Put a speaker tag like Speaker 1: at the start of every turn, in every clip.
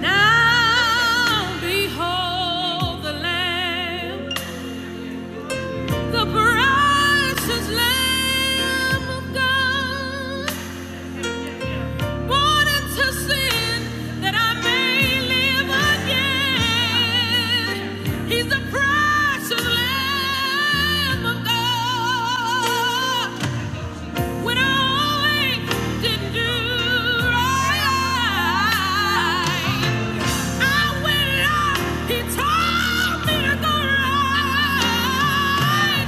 Speaker 1: Now behold the Lamb, the precious Lamb of God, born into sin that I may live again. He's the precious Lamb of God. When I didn't do right, I went up. He told me to go right,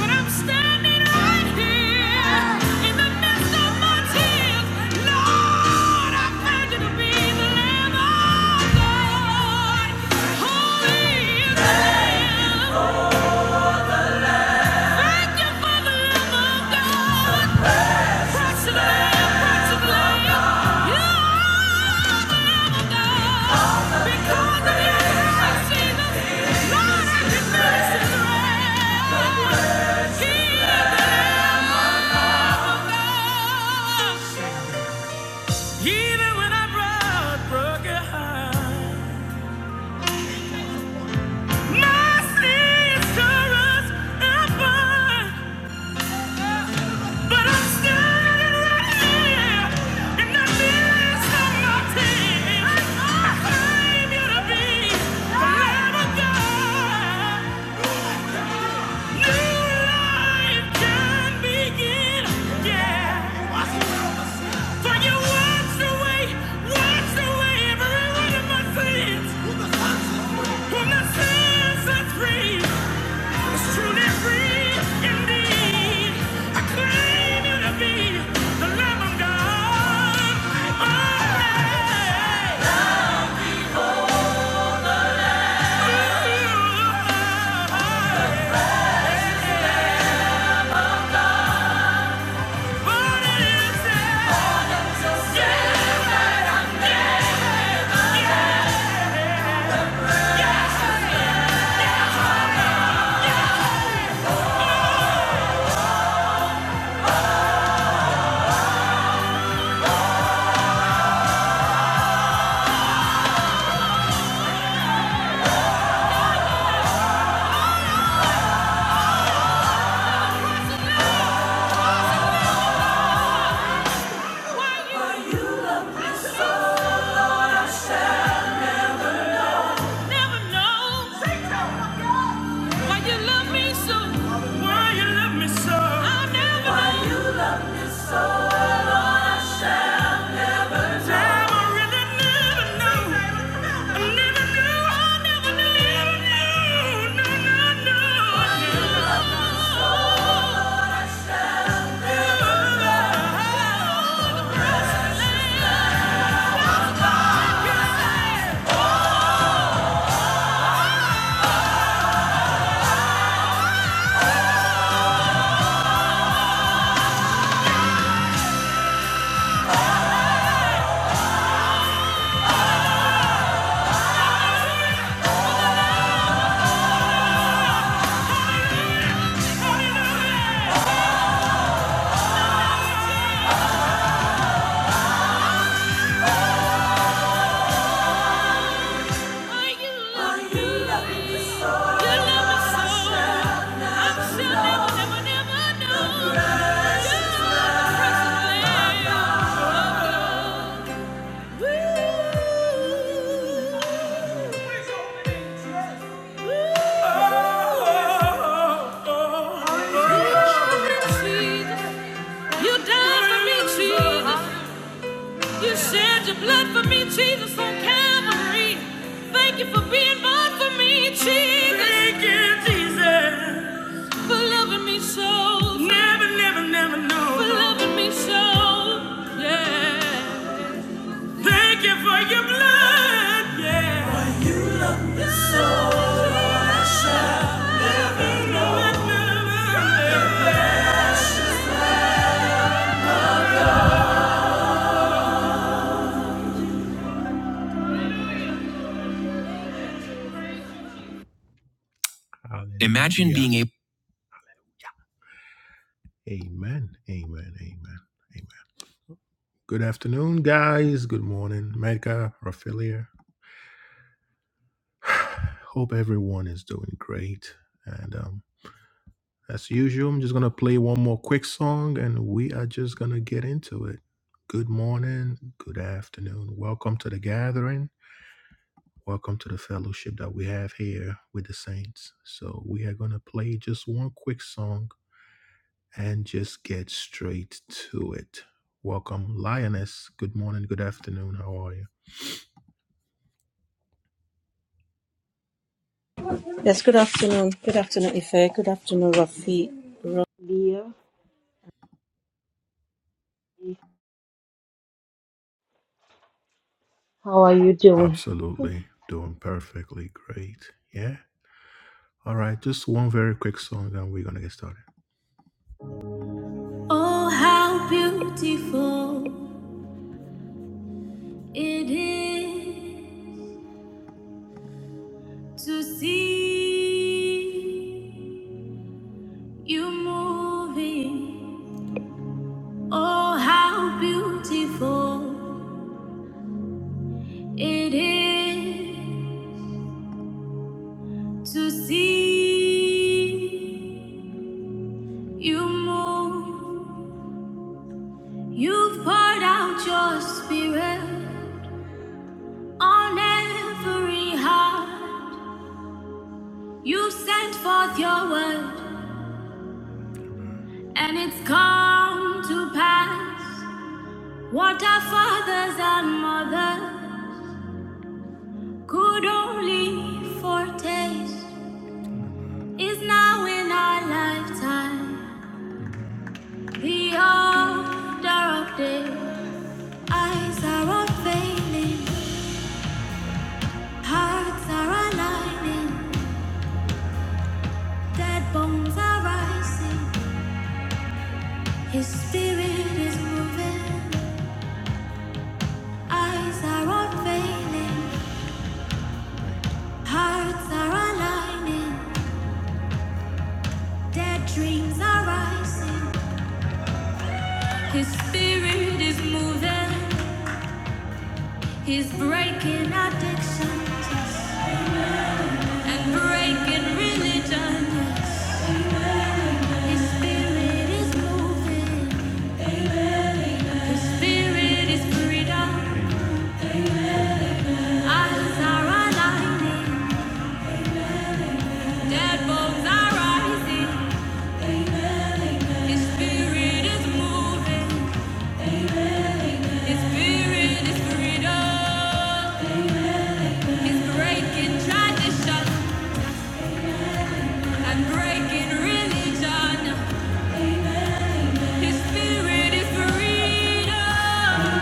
Speaker 1: but I'm standing right here in the midst of my tears. Lord, I found you to be the Lamb of God. Holy is the Lamb. Thank you for the Lamb of God. Even when I brought broken heart, my sister's apart. But I'm standing right here in the midst of my tears. I came here to be, to never die. Yeah. Yeah. Are you loving me so? You love me so. I'm sure never, never, Jesus, you died for me, Jesus. You shed your blood for me, Jesus, on Calvary. Thank you for being born for me, Jesus. Thank you, Jesus, for loving me so. Never, never, never know. For loving me so, yeah. Thank you for your blood, yeah.
Speaker 2: Yes, good afternoon. Good afternoon, Ife. Good afternoon, Rafi. Ro- How are you doing?
Speaker 1: Oh, how beautiful it is to see you moving. Oh, how beautiful it is to see you move. You've poured out your spirit. On every heart, you sent forth your word, and it's come to pass. What our fathers and mothers could only foretaste is now in our lifetime. The order of day, eyes are unveiling, hearts are aligning, dead bones are rising. His spirit is moving, eyes are unveiling. Hearts are aligning, dead dreams are rising. His spirit is moving, he's breaking addiction yes. and breaking religion. Yes. His spirit is moving, his spirit is freedom. Eyes are aligning, dead bones are rising. His spirit is moving, his spirit is freedom. He's breaking tradition. Unbreaking religion, His spirit is freedom.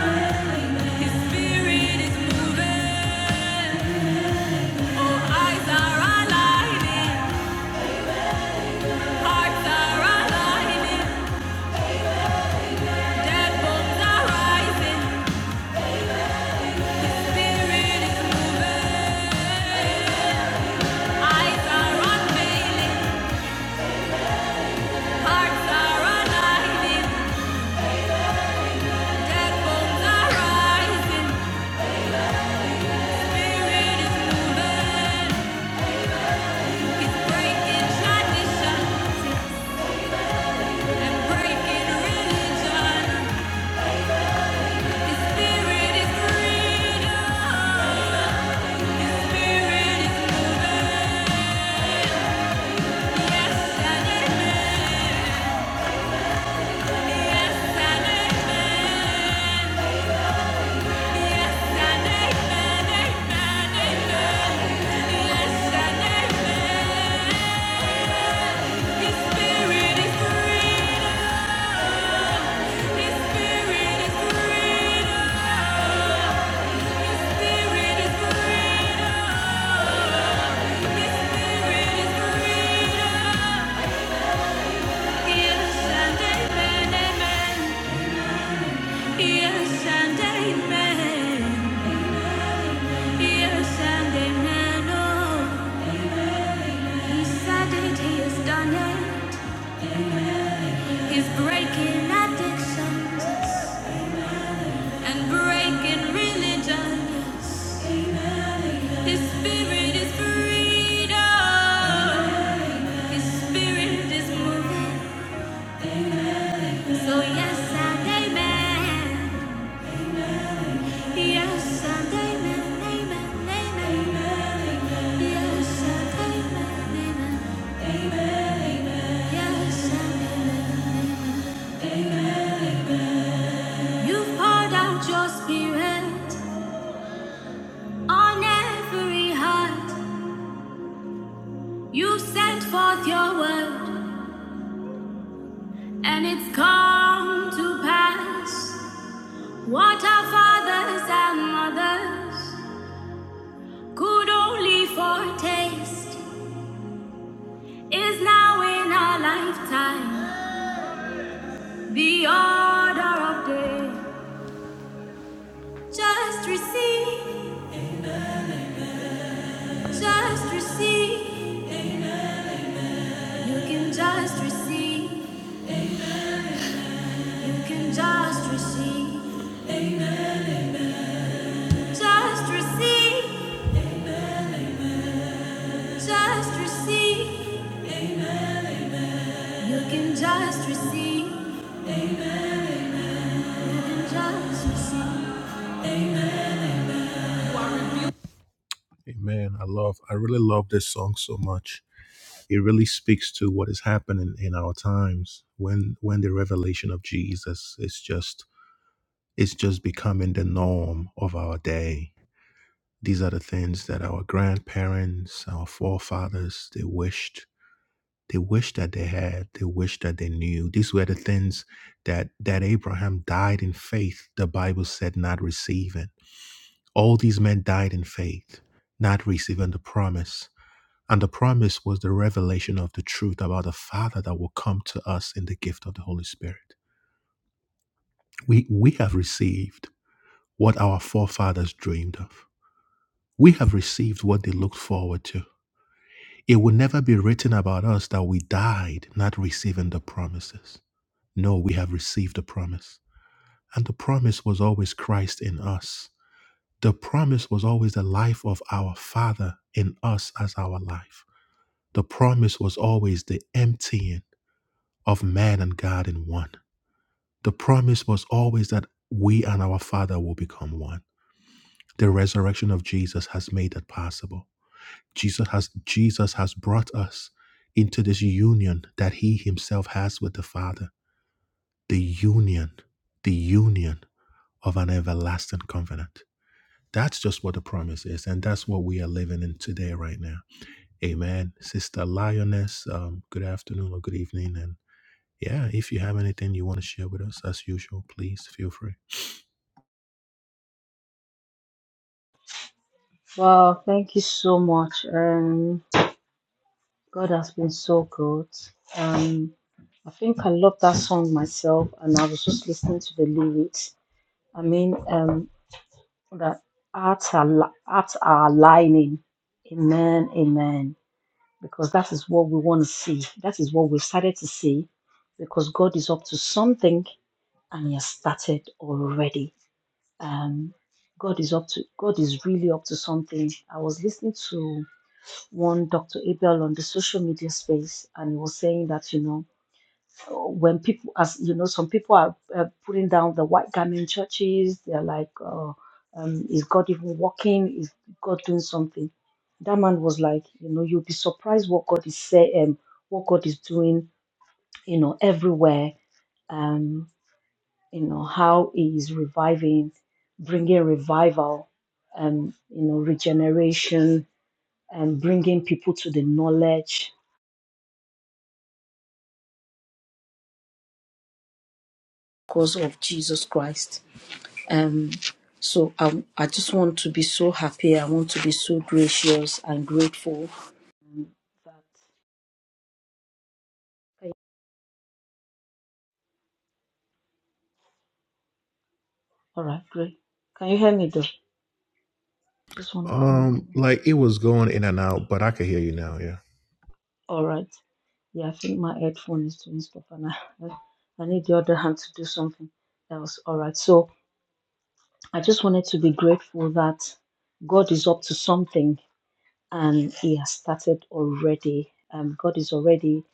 Speaker 1: His spirit is moving. All eyes are aligning, hearts are aligning, dead bones are rising. His spirit is moving. Eyes are unveiling, hearts are aligning, dead bones are rising. Spirit is moving. His spirit is free. He's breaking addictions and breaking religions. His spirit is freedom. His spirit is moving, so yes and amen. Yes and amen, amen, amen, Yes and amen, amen, yes amen, amen. you poured out your spirit on every heart. You sent forth your word, and it's come to pass. What our fathers and mothers Good only for taste is now in our lifetime. The order of day. Just receive, just receive. You can just receive, you can just receive. Just receive, just receive. You can just receive, you can just receive.
Speaker 2: Wow, thank you so much. Um, God has been so good. Um, I think I love that song myself, and I was just listening to the lyrics. I mean, um, that hearts are li- hearts are aligning. Amen, amen. Because that is what we want to see. That is what we've started to see. Because God is up to something, and He has started already. um, God is up to God is really up to something. I was listening to one Dr. Abel on the social media space, and he was saying that you know when people as you know some people are uh, putting down the white garment churches, they're like, oh, um, is God even working? Is God doing something? That man was like, you know, you'll be surprised what God is saying, what God is doing, you know, everywhere. Um, you know how he is reviving bringing revival um you know regeneration and bringing people to the knowledge cause of jesus christ um so I, I just want to be so happy i want to be so gracious and grateful um, that all right great can you hear me though just want to confirm all right yeah i think my headphone is doing stuff and i i need the other hand to do something else all right so I just wanted to be grateful that God is up to something and He has started already. Um, God is already,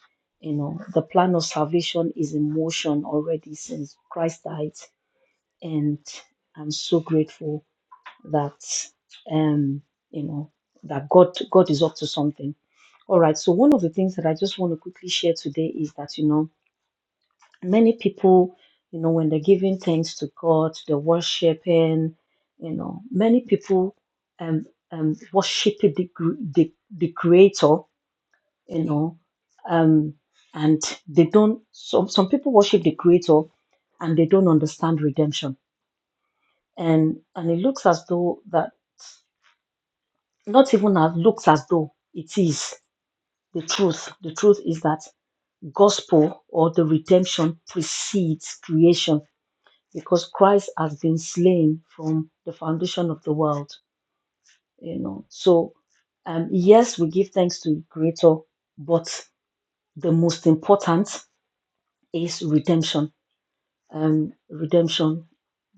Speaker 2: you know, the plan of salvation is in motion already since Christ died. And I'm so grateful that, um, you know, that God, God is up to something. All right. So one of the things that I just want to quickly share today is that, you know, many people, you know, when they're giving thanks to God, they're worshiping, you know, many people um, um, worship the, cr- the, the creator, you know, um, and they don't, some, some people worship the creator and they don't understand redemption. And, and it looks as though that, not even as looks as though it is the truth. The truth is that gospel or the redemption precedes creation because Christ has been slain from the foundation of the world, you know. So, um, yes, we give thanks to Creator, but the most important is redemption. Um, redemption,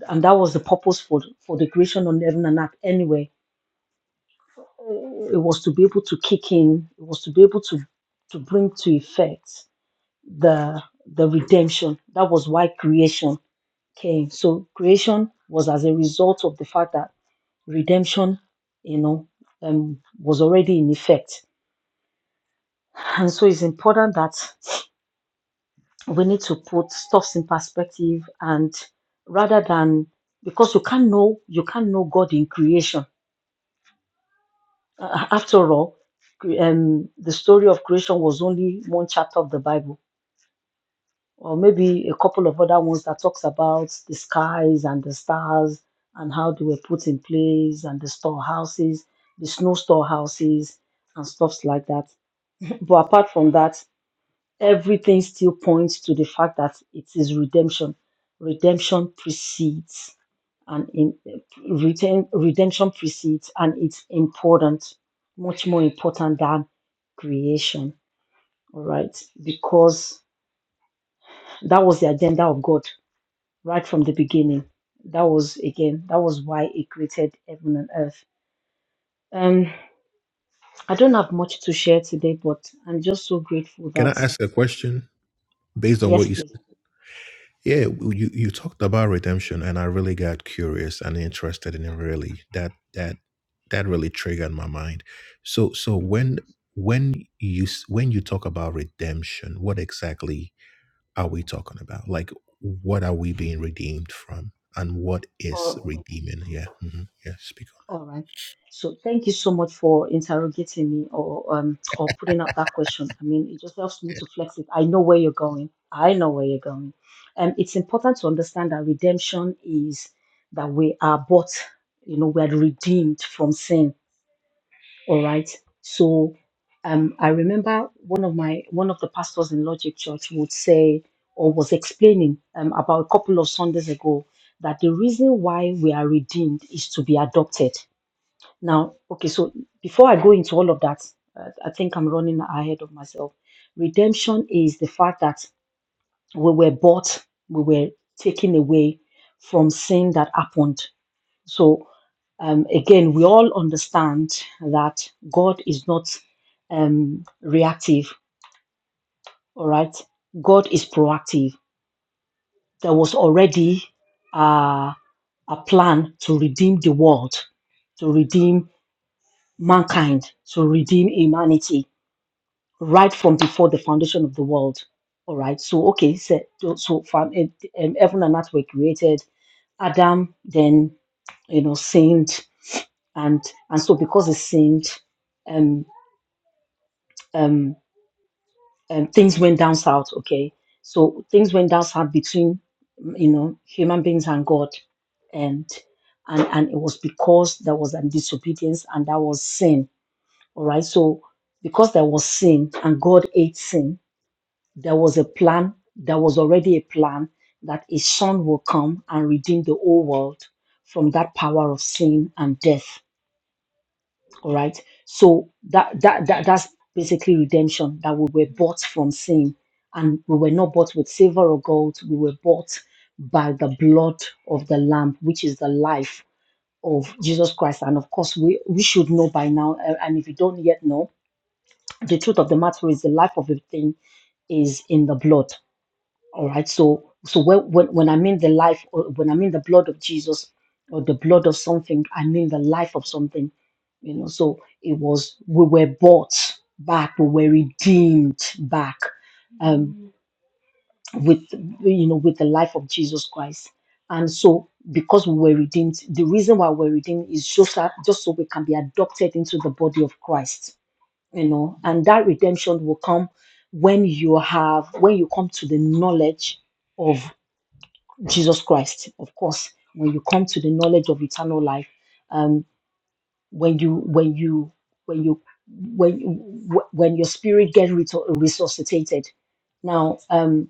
Speaker 2: and that was the purpose for for the creation of heaven and earth. Anyway, it was to be able to kick in. It was to be able to to bring to effect the the redemption. That was why creation came. So creation was as a result of the fact that redemption, you know, um, was already in effect. And so it's important that we need to put stuffs in perspective and rather than because you can't know you can't know God in creation. Uh, after all, cre- um, the story of creation was only one chapter of the Bible, or maybe a couple of other ones that talks about the skies and the stars and how they were put in place and the storehouses, the snow storehouses and stuffs like that. But apart from that, everything still points to the fact that it is redemption. Redemption precedes and in retain, redemption precedes and it's important, much more important than creation. All right. Because that was the agenda of God right from the beginning. That was again, that was why he created heaven and earth. Um, I don't have much to share today, but I'm just so grateful that yes, please. All right. So thank you so much for interrogating me or um or putting out that question. I mean, it just helps me to flex it. I know where you're going. I know where you're going. And it's important to understand that redemption is that we are bought, you know, we are redeemed from sin. All right. So um I remember one of my one of the pastors in Logic Church would say or was explaining um about a couple of Sundays ago that the reason why we are redeemed is to be adopted now, okay, so before I go into all of that, uh, I think I'm running ahead of myself. Redemption is the fact that we were bought, we were taken away from sin that happened. So, um, again, we all understand that God is not um, reactive, all right? God is proactive. There was already uh, a plan to redeem the world, to redeem mankind, to redeem humanity right from before the foundation of the world. All right. So okay, so so from it, um, heaven and earth were created. Adam then you know sinned, and and so because he sinned, um um, um things went down south. Okay. So things went down south between mm, you know human beings and God, and and and it was because there was a disobedience and that was sin. All right. So because there was sin and God ate sin, There was a plan, there was already a plan that a son will come and redeem the whole world from that power of sin and death. All right. So that that, that that's basically redemption that we were bought from sin. And we were not bought with silver or gold. We were bought by the blood of the Lamb, which is the life of Jesus Christ. And of course, we, we should know by now. uh, And if you don't yet know, the truth of the matter is the life of a thing is in the blood. All right. So so when when, when I mean the life, or when I mean the blood of Jesus, or the blood of something, I mean the life of something. You know. So it was we were bought back, we were redeemed back, um, with you know with the life of Jesus Christ. And so because we were redeemed, the reason why we're redeemed is just that just so we can be adopted into the body of Christ. You know, and that redemption will come when you have when you come to the knowledge of Jesus Christ, of course, when you come to the knowledge of eternal life, um, when you when you when you when you- when your spirit gets reto- resuscitated. Now, um,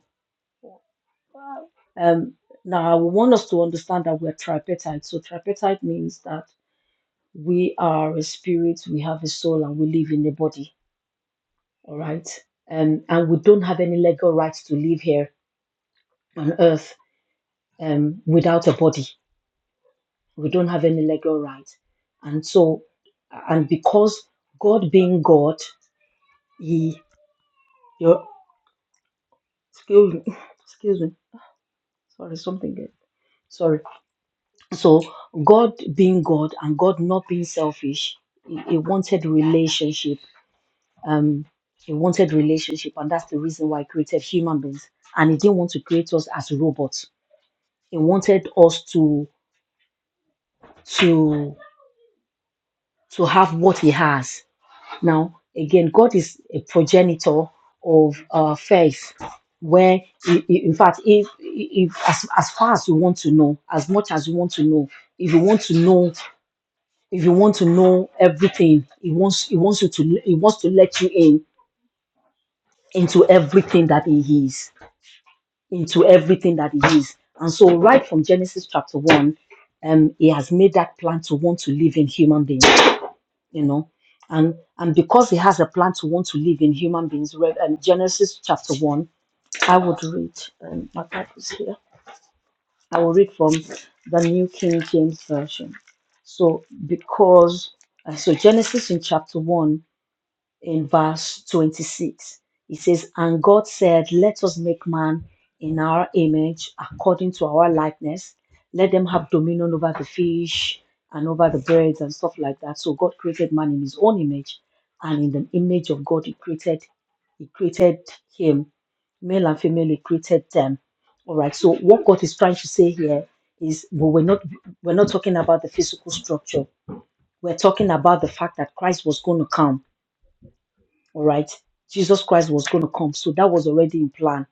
Speaker 2: um, now I want us to understand that we're tripartite. So tripartite means that we are a spirit, we have a soul, and we live in a body. All right, um, and we don't have any legal rights to live here on earth um, without a body we don't have any legal rights. And so, and because God being God, He, your, excuse me, excuse me, sorry, something, else. sorry. So, God being God and God not being selfish, He, he wanted relationship. Um, He wanted relationship, and that's the reason why He created human beings. And He didn't want to create us as robots. He wanted us to to to have what He has. Now, again, God is a progenitor of uh, faith, where, i- i- in fact, if, if as, as far as you want to know, as much as you want to know, if you want to know, if you want to know everything, He wants, He wants you to, He wants to let you in into everything that He is, into everything that He is. And so, right from Genesis chapter one, um, He has made that plan to want to live in human beings you know and and because he has a plan to want to live in human beings read and genesis chapter 1 i would read um, my Bible is here i will read from the new king james version so because uh, so genesis in chapter 1 in verse 26. It says, And God said, Let us make man in our image, according to our likeness. Let them have dominion over the fish and over the birds and stuff like that. So God created man in his own image, and in the image of God, he created, he created him. Male and female, he created them. All right. So what God is trying to say here is well, we're not we're not talking about the physical structure. We're talking about the fact that Christ was going to come all right jesus christ was going to come so that was already in plan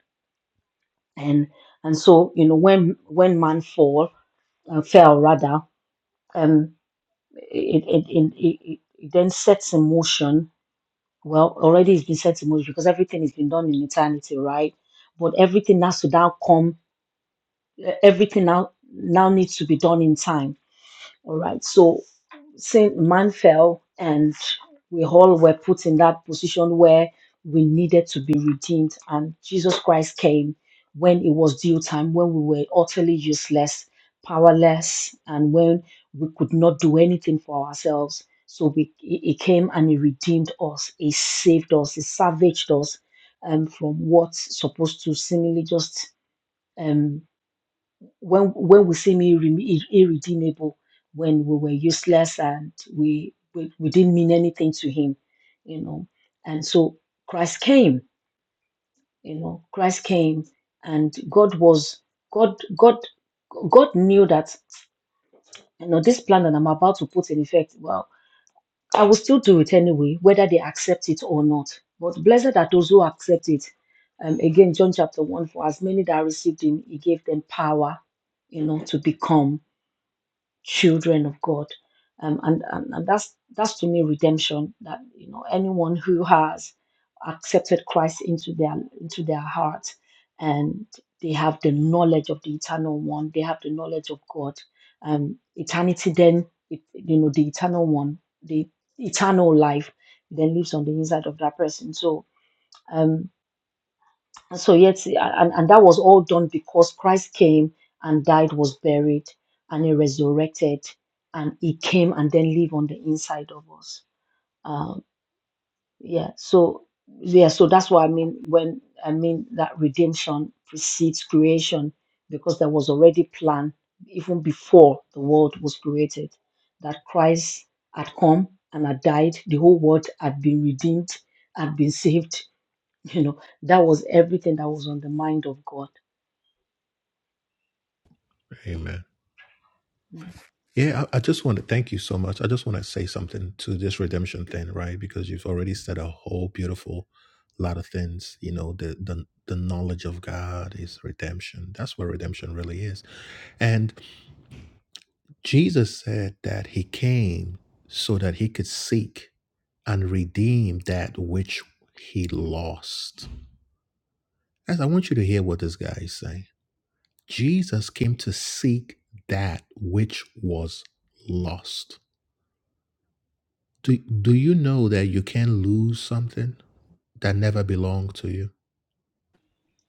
Speaker 2: and and so you know when when man fall uh, fell rather um it it, it it it it then sets in motion well already it's been set in motion because everything has been done in eternity right but everything has to now come uh, everything now now needs to be done in time all right so sin, man fell, and we all were put in that position where we needed to be redeemed. And Jesus Christ came when it was due time, when we were utterly useless, powerless, and when we could not do anything for ourselves. So we, he he came and he redeemed us. He saved us. He salvaged us um, from what's supposed to seemingly just. Um, when when we seem irre- ir- irredeemable, when we were useless and we, we we didn't mean anything to him, you know. And so Christ came, you know. Christ came, and God was God God God knew that you know this plan that I'm about to put in effect. Well, I will still do it anyway, whether they accept it or not. But blessed are those who accept it. Um, again, John chapter one: For as many that received him, he gave them power, you know, to become children of God. Um, and, and and that's that's to me redemption that you know anyone who has accepted Christ into their into their heart and they have the knowledge of the eternal one, they have the knowledge of God. Um, eternity then it, you know the eternal one, the eternal life then lives on the inside of that person. So um. And so yet and, and that was all done because christ came and died was buried and he resurrected and he came and then live on the inside of us um yeah so yeah so that's what i mean when i mean that redemption precedes creation because there was already plan even before the world was created that christ had come and had died the whole world had been redeemed had been saved you know, that was everything that was on the mind of God. Yeah.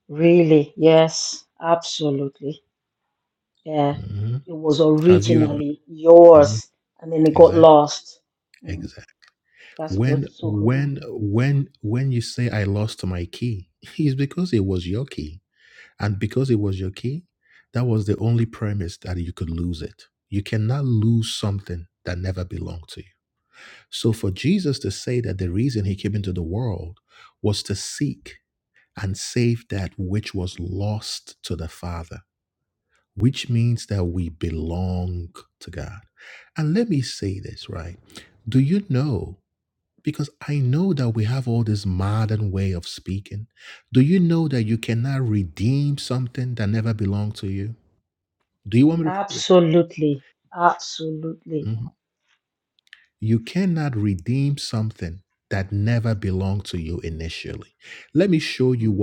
Speaker 2: Really, yes, absolutely. Yeah, it was originally yours and then it got lost. Mm, that's good, so good. Absolutely, absolutely. Mm.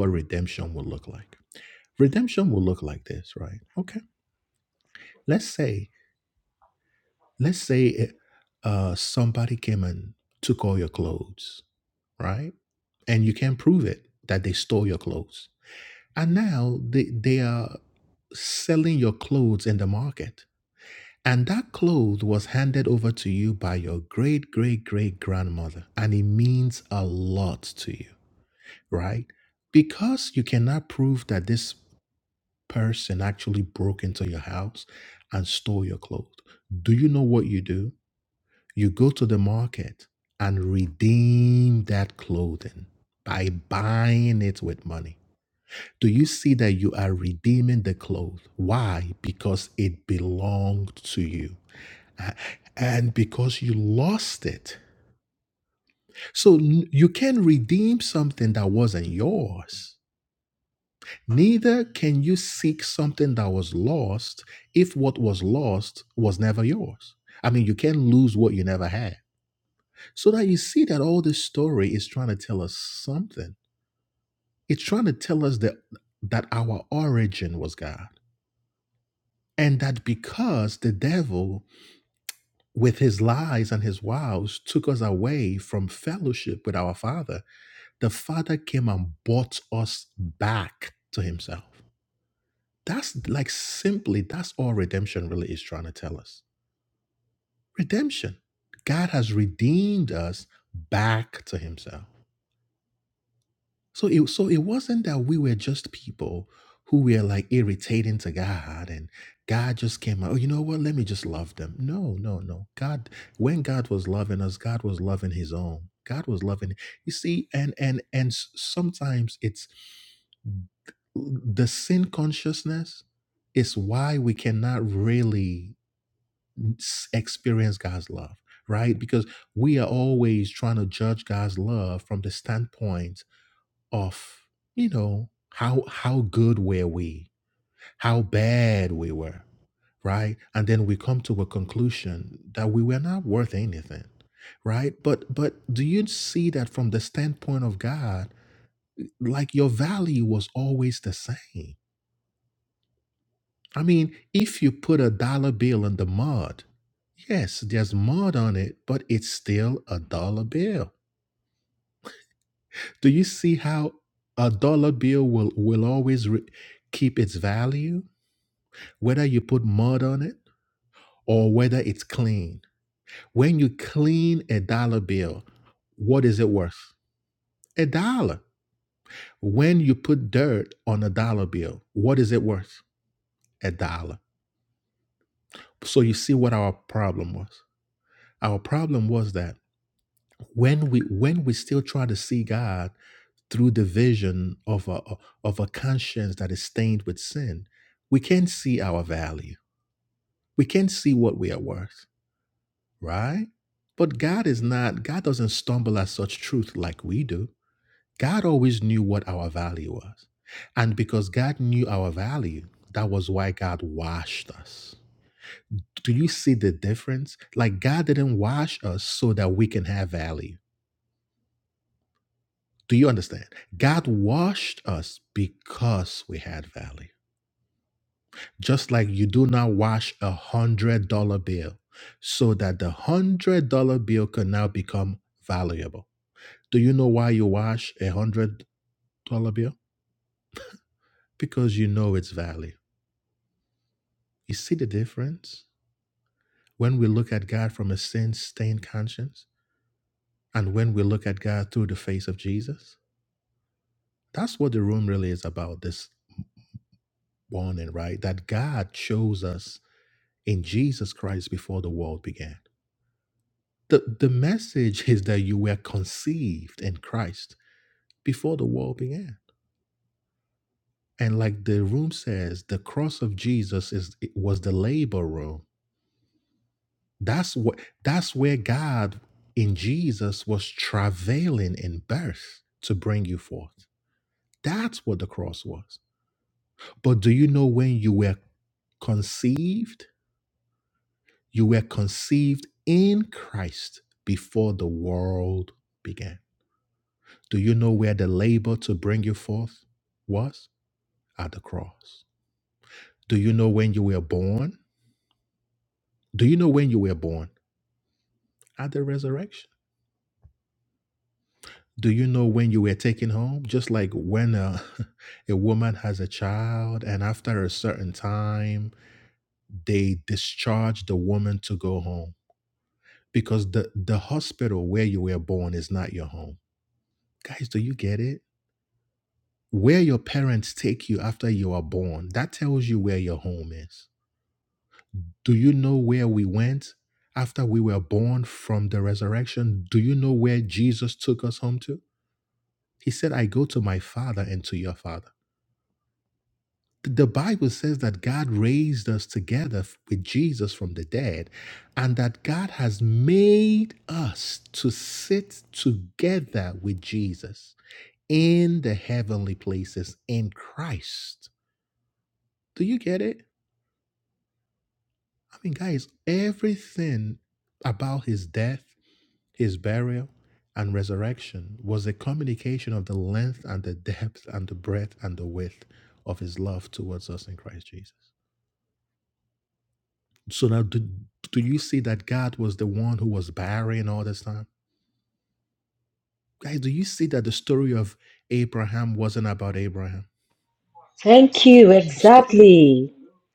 Speaker 2: Thank you, exactly.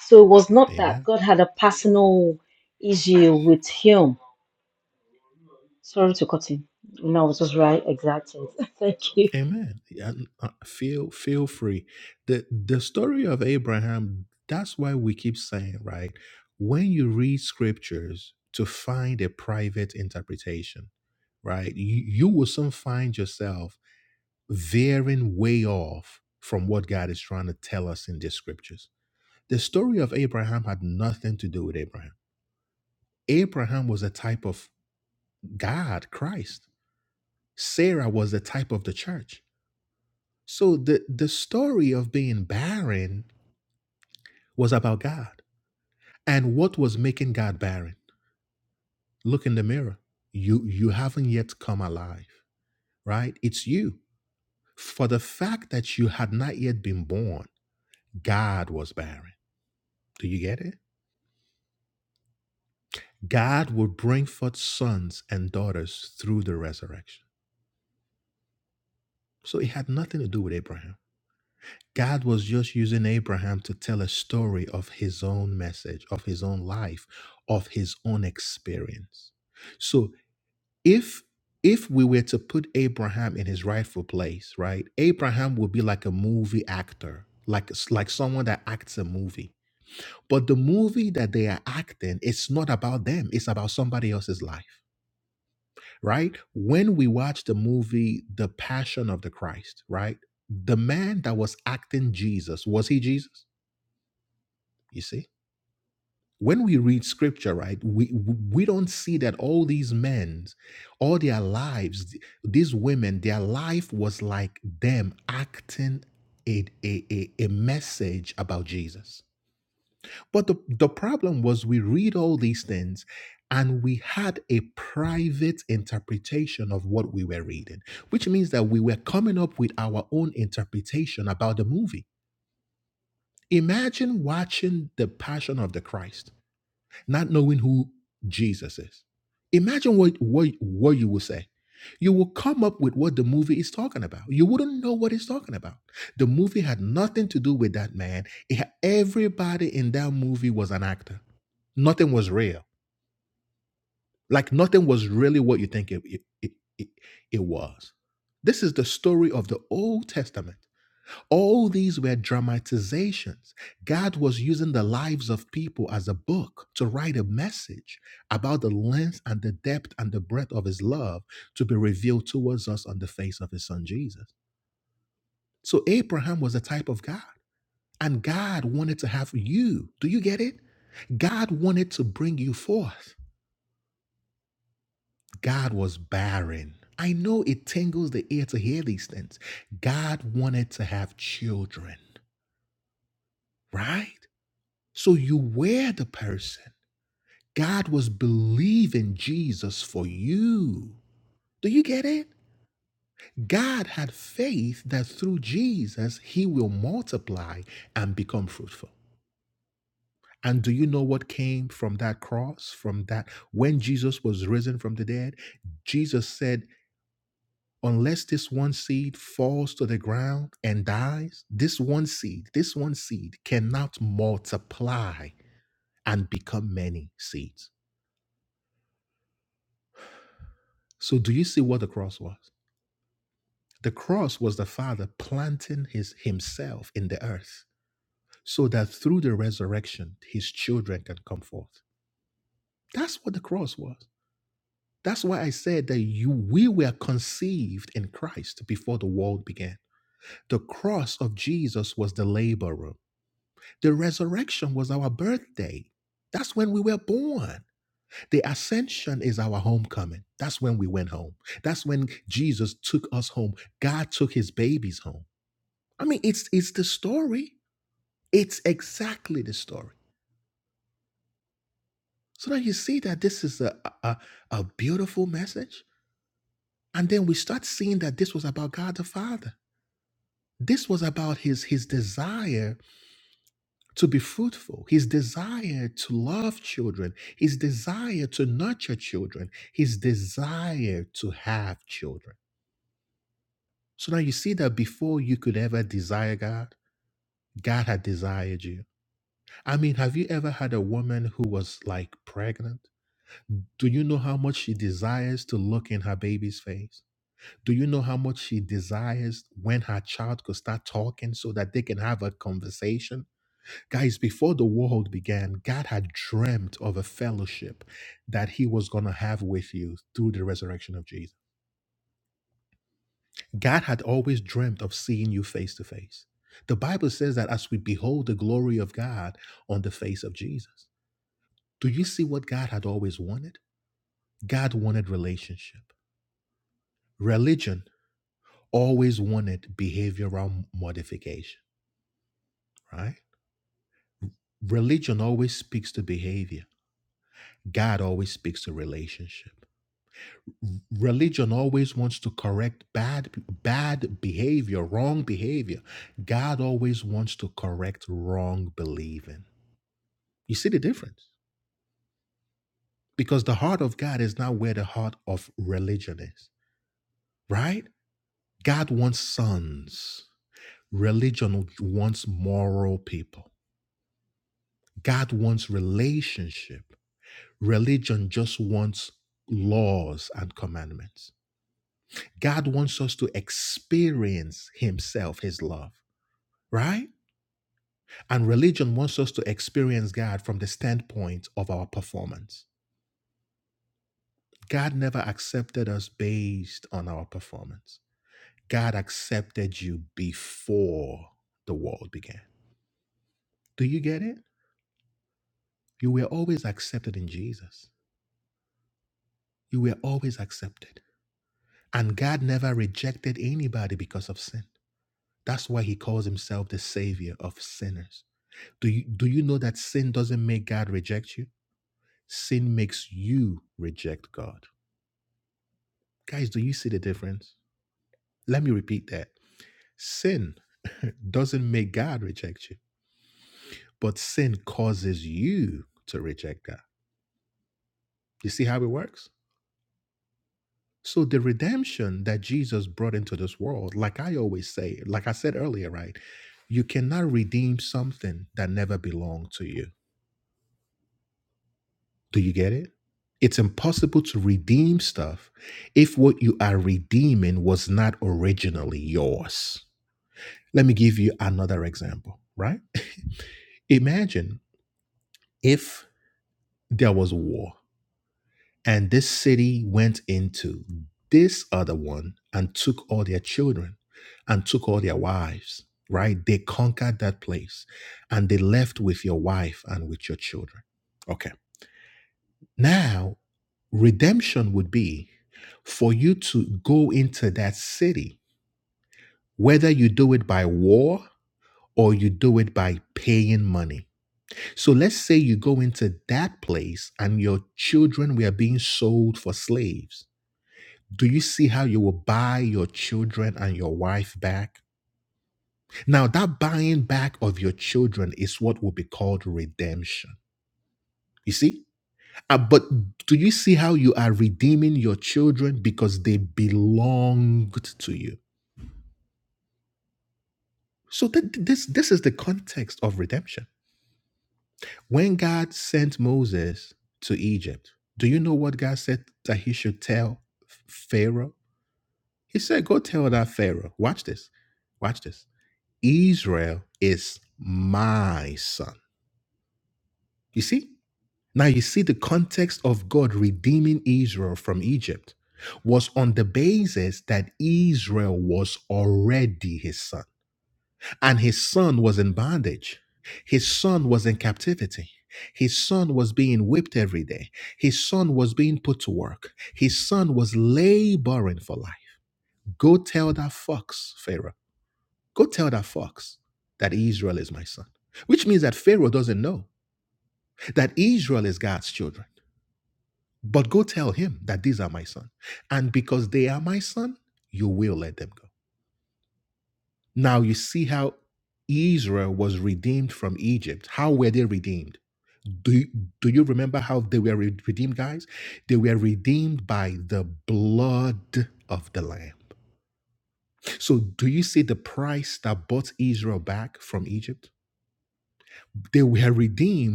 Speaker 2: So it was not that God had a personal issue with him. Sorry to cut in. No, I was just right, exactly. Thank you.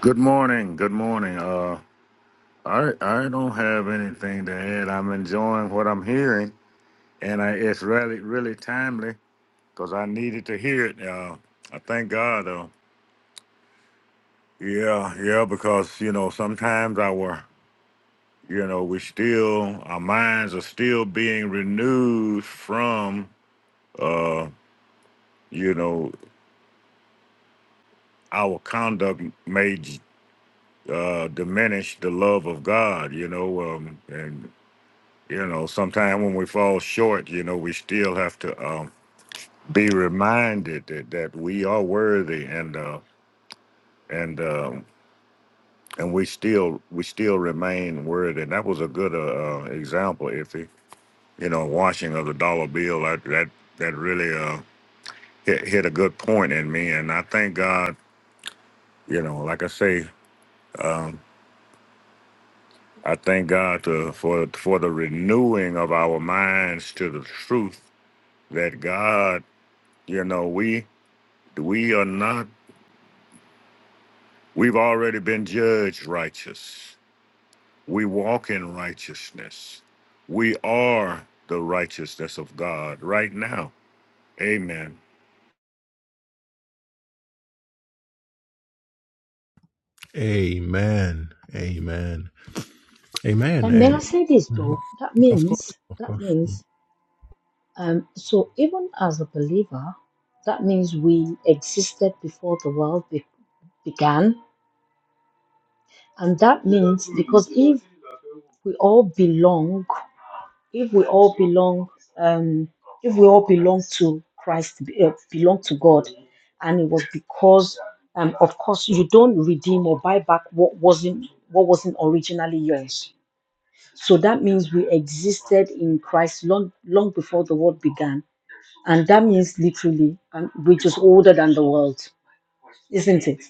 Speaker 3: Good morning. Good morning. Uh, I I don't have anything to add. I'm enjoying what I'm hearing, and I, it's really really timely because I needed to hear it. Uh, I thank God though. Yeah, yeah, because you know sometimes our you know we still our minds are still being renewed from uh you know our conduct may uh diminish the love of God. You know, um, and you know sometimes when we fall short you know we still have to um, be reminded that, that we are worthy and uh, and um, and we still we still remain worthy and that was a good uh, uh, example iffy you know washing of the dollar bill that that, that really uh, hit, hit a good point in me and i thank god you know like i say um, i thank god to, for for the renewing of our minds to the truth that god you know we We are not, we've already been judged righteous. We walk in righteousness. We are the righteousness of God right now. Amen.
Speaker 2: And may I say this though? That means that means um, so even as a believer, that means we existed before the world be- began, and that means because if we all belong, if we all belong, um, if we all belong to Christ, uh, belong to God, and it was because, um, of course, you don't redeem or buy back what wasn't what wasn't originally yours So that means we existed in Christ long, long before the world began. And that means literally, um, we're just older than the world, isn't it?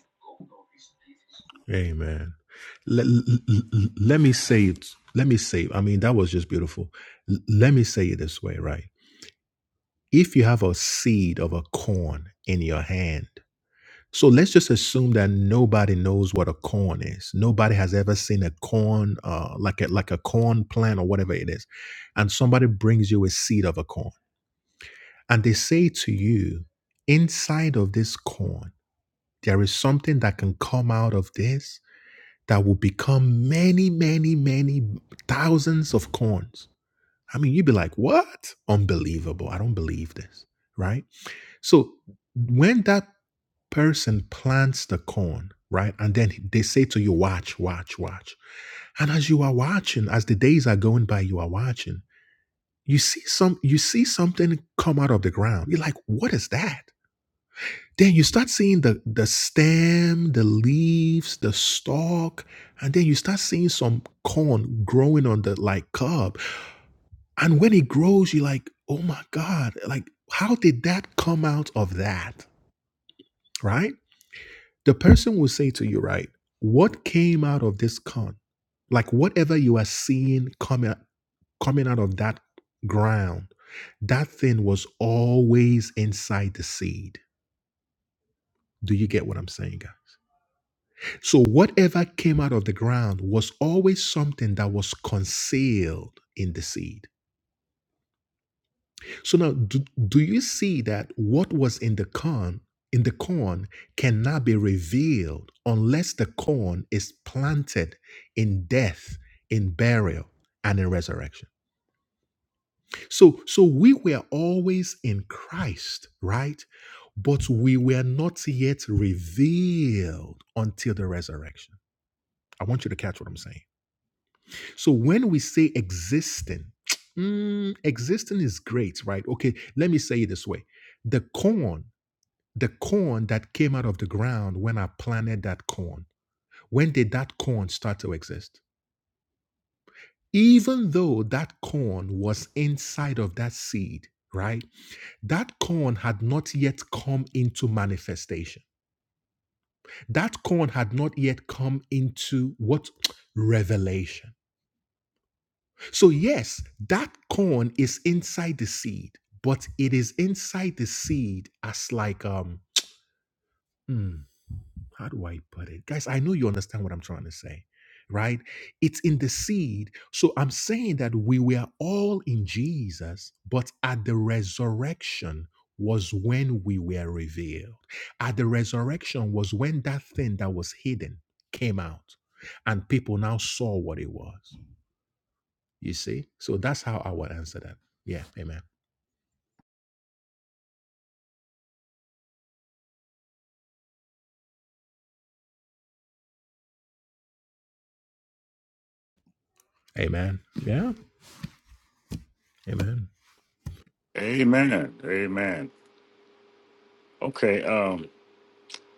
Speaker 3: Amen. Amen. Okay, um,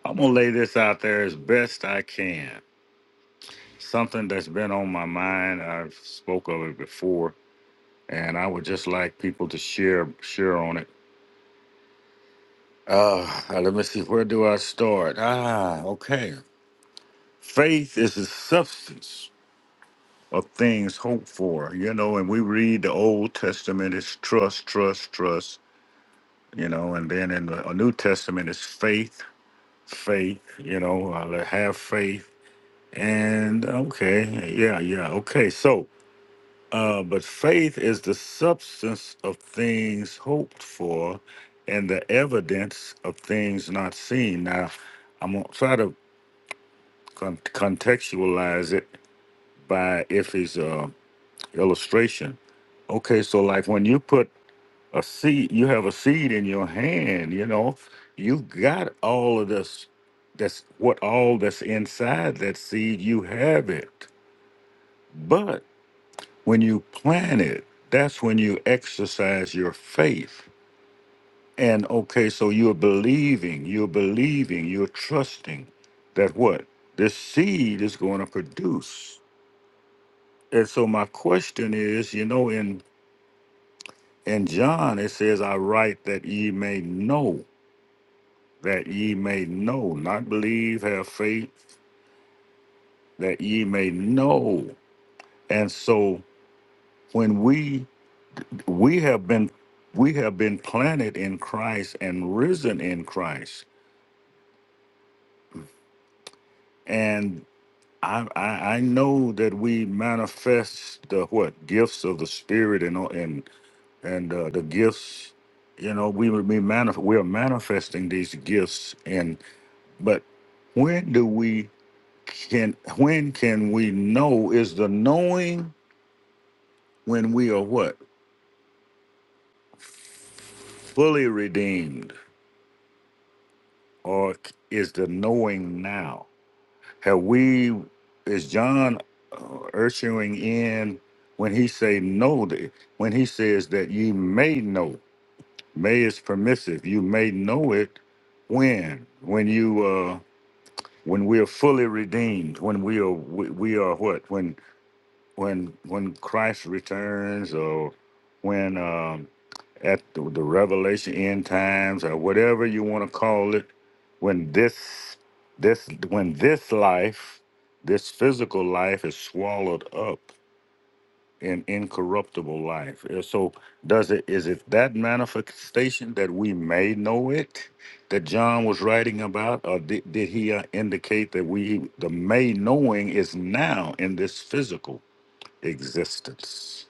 Speaker 3: I'm gonna lay this out there as best I can. Something that's been on my mind. I've spoke of it before, and I would just like people to share share on it. Uh, let me see. Where do I start? Ah, okay. Faith is the substance. of things hoped for, you know, and we read the Old Testament is trust, trust, trust, you know, and then in the New Testament is faith, faith, you know, uh, have faith. And okay, yeah, yeah, okay. So, uh, but faith is the substance of things hoped for and the evidence of things not seen. Now, I'm going to try to con- contextualize it by Iffy's uh, illustration Okay, so like when you put a seed, you have a seed in your hand, you know, you got all of this, that's what all that's inside that seed, you have it. But when you plant it, that's when you exercise your faith. And okay, so you're believing, you're believing, you're trusting that what? This seed is going to produce. And so my question is, you know, in In John, it says, I write that ye may know, that ye may know, not believe, have faith, that ye may know. And so when we we have been we have been planted in Christ and risen in Christ. And I I, I know that we manifest the what gifts of the spirit and and and uh, the gifts you know we we manif- we are manifesting these gifts But when do we can when can we know is the knowing when we are what fully redeemed or is the knowing now have we is john uh, ushering in when he say know th- when he says that ye may know may is permissive you may know it when when you uh when we are fully redeemed when we are we, we are what when when Christ returns or when um, at the, the revelation end times or whatever you want to call it when this this when this life this physical life is swallowed up in incorruptible life Uh, so does it is it that manifestation that we may know it that john was writing about or did, did he uh, indicate that we the may knowing is now in this physical existence.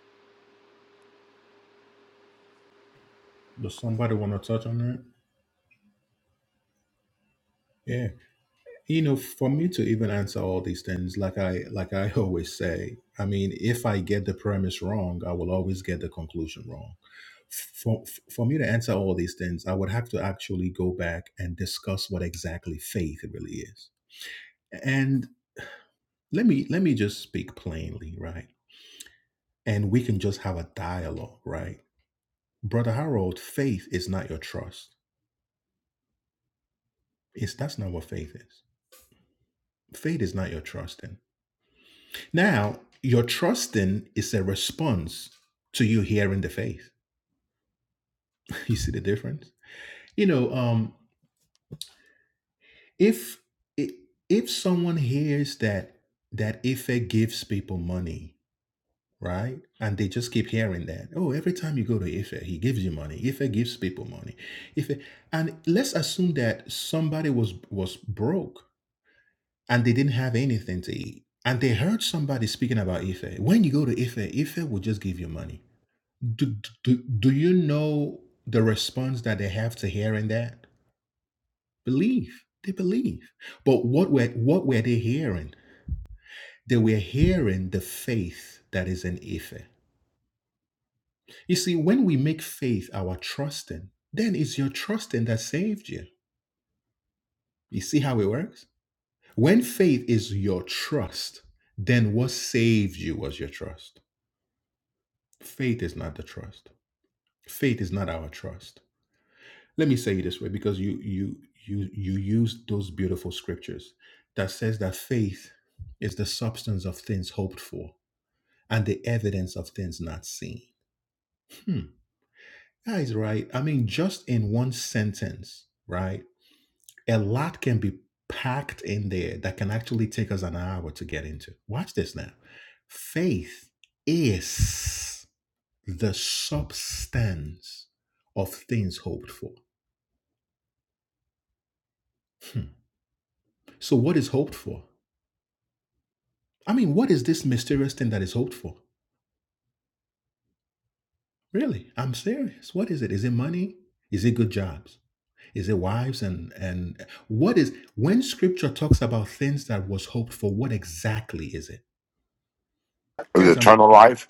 Speaker 4: Is it eternal life.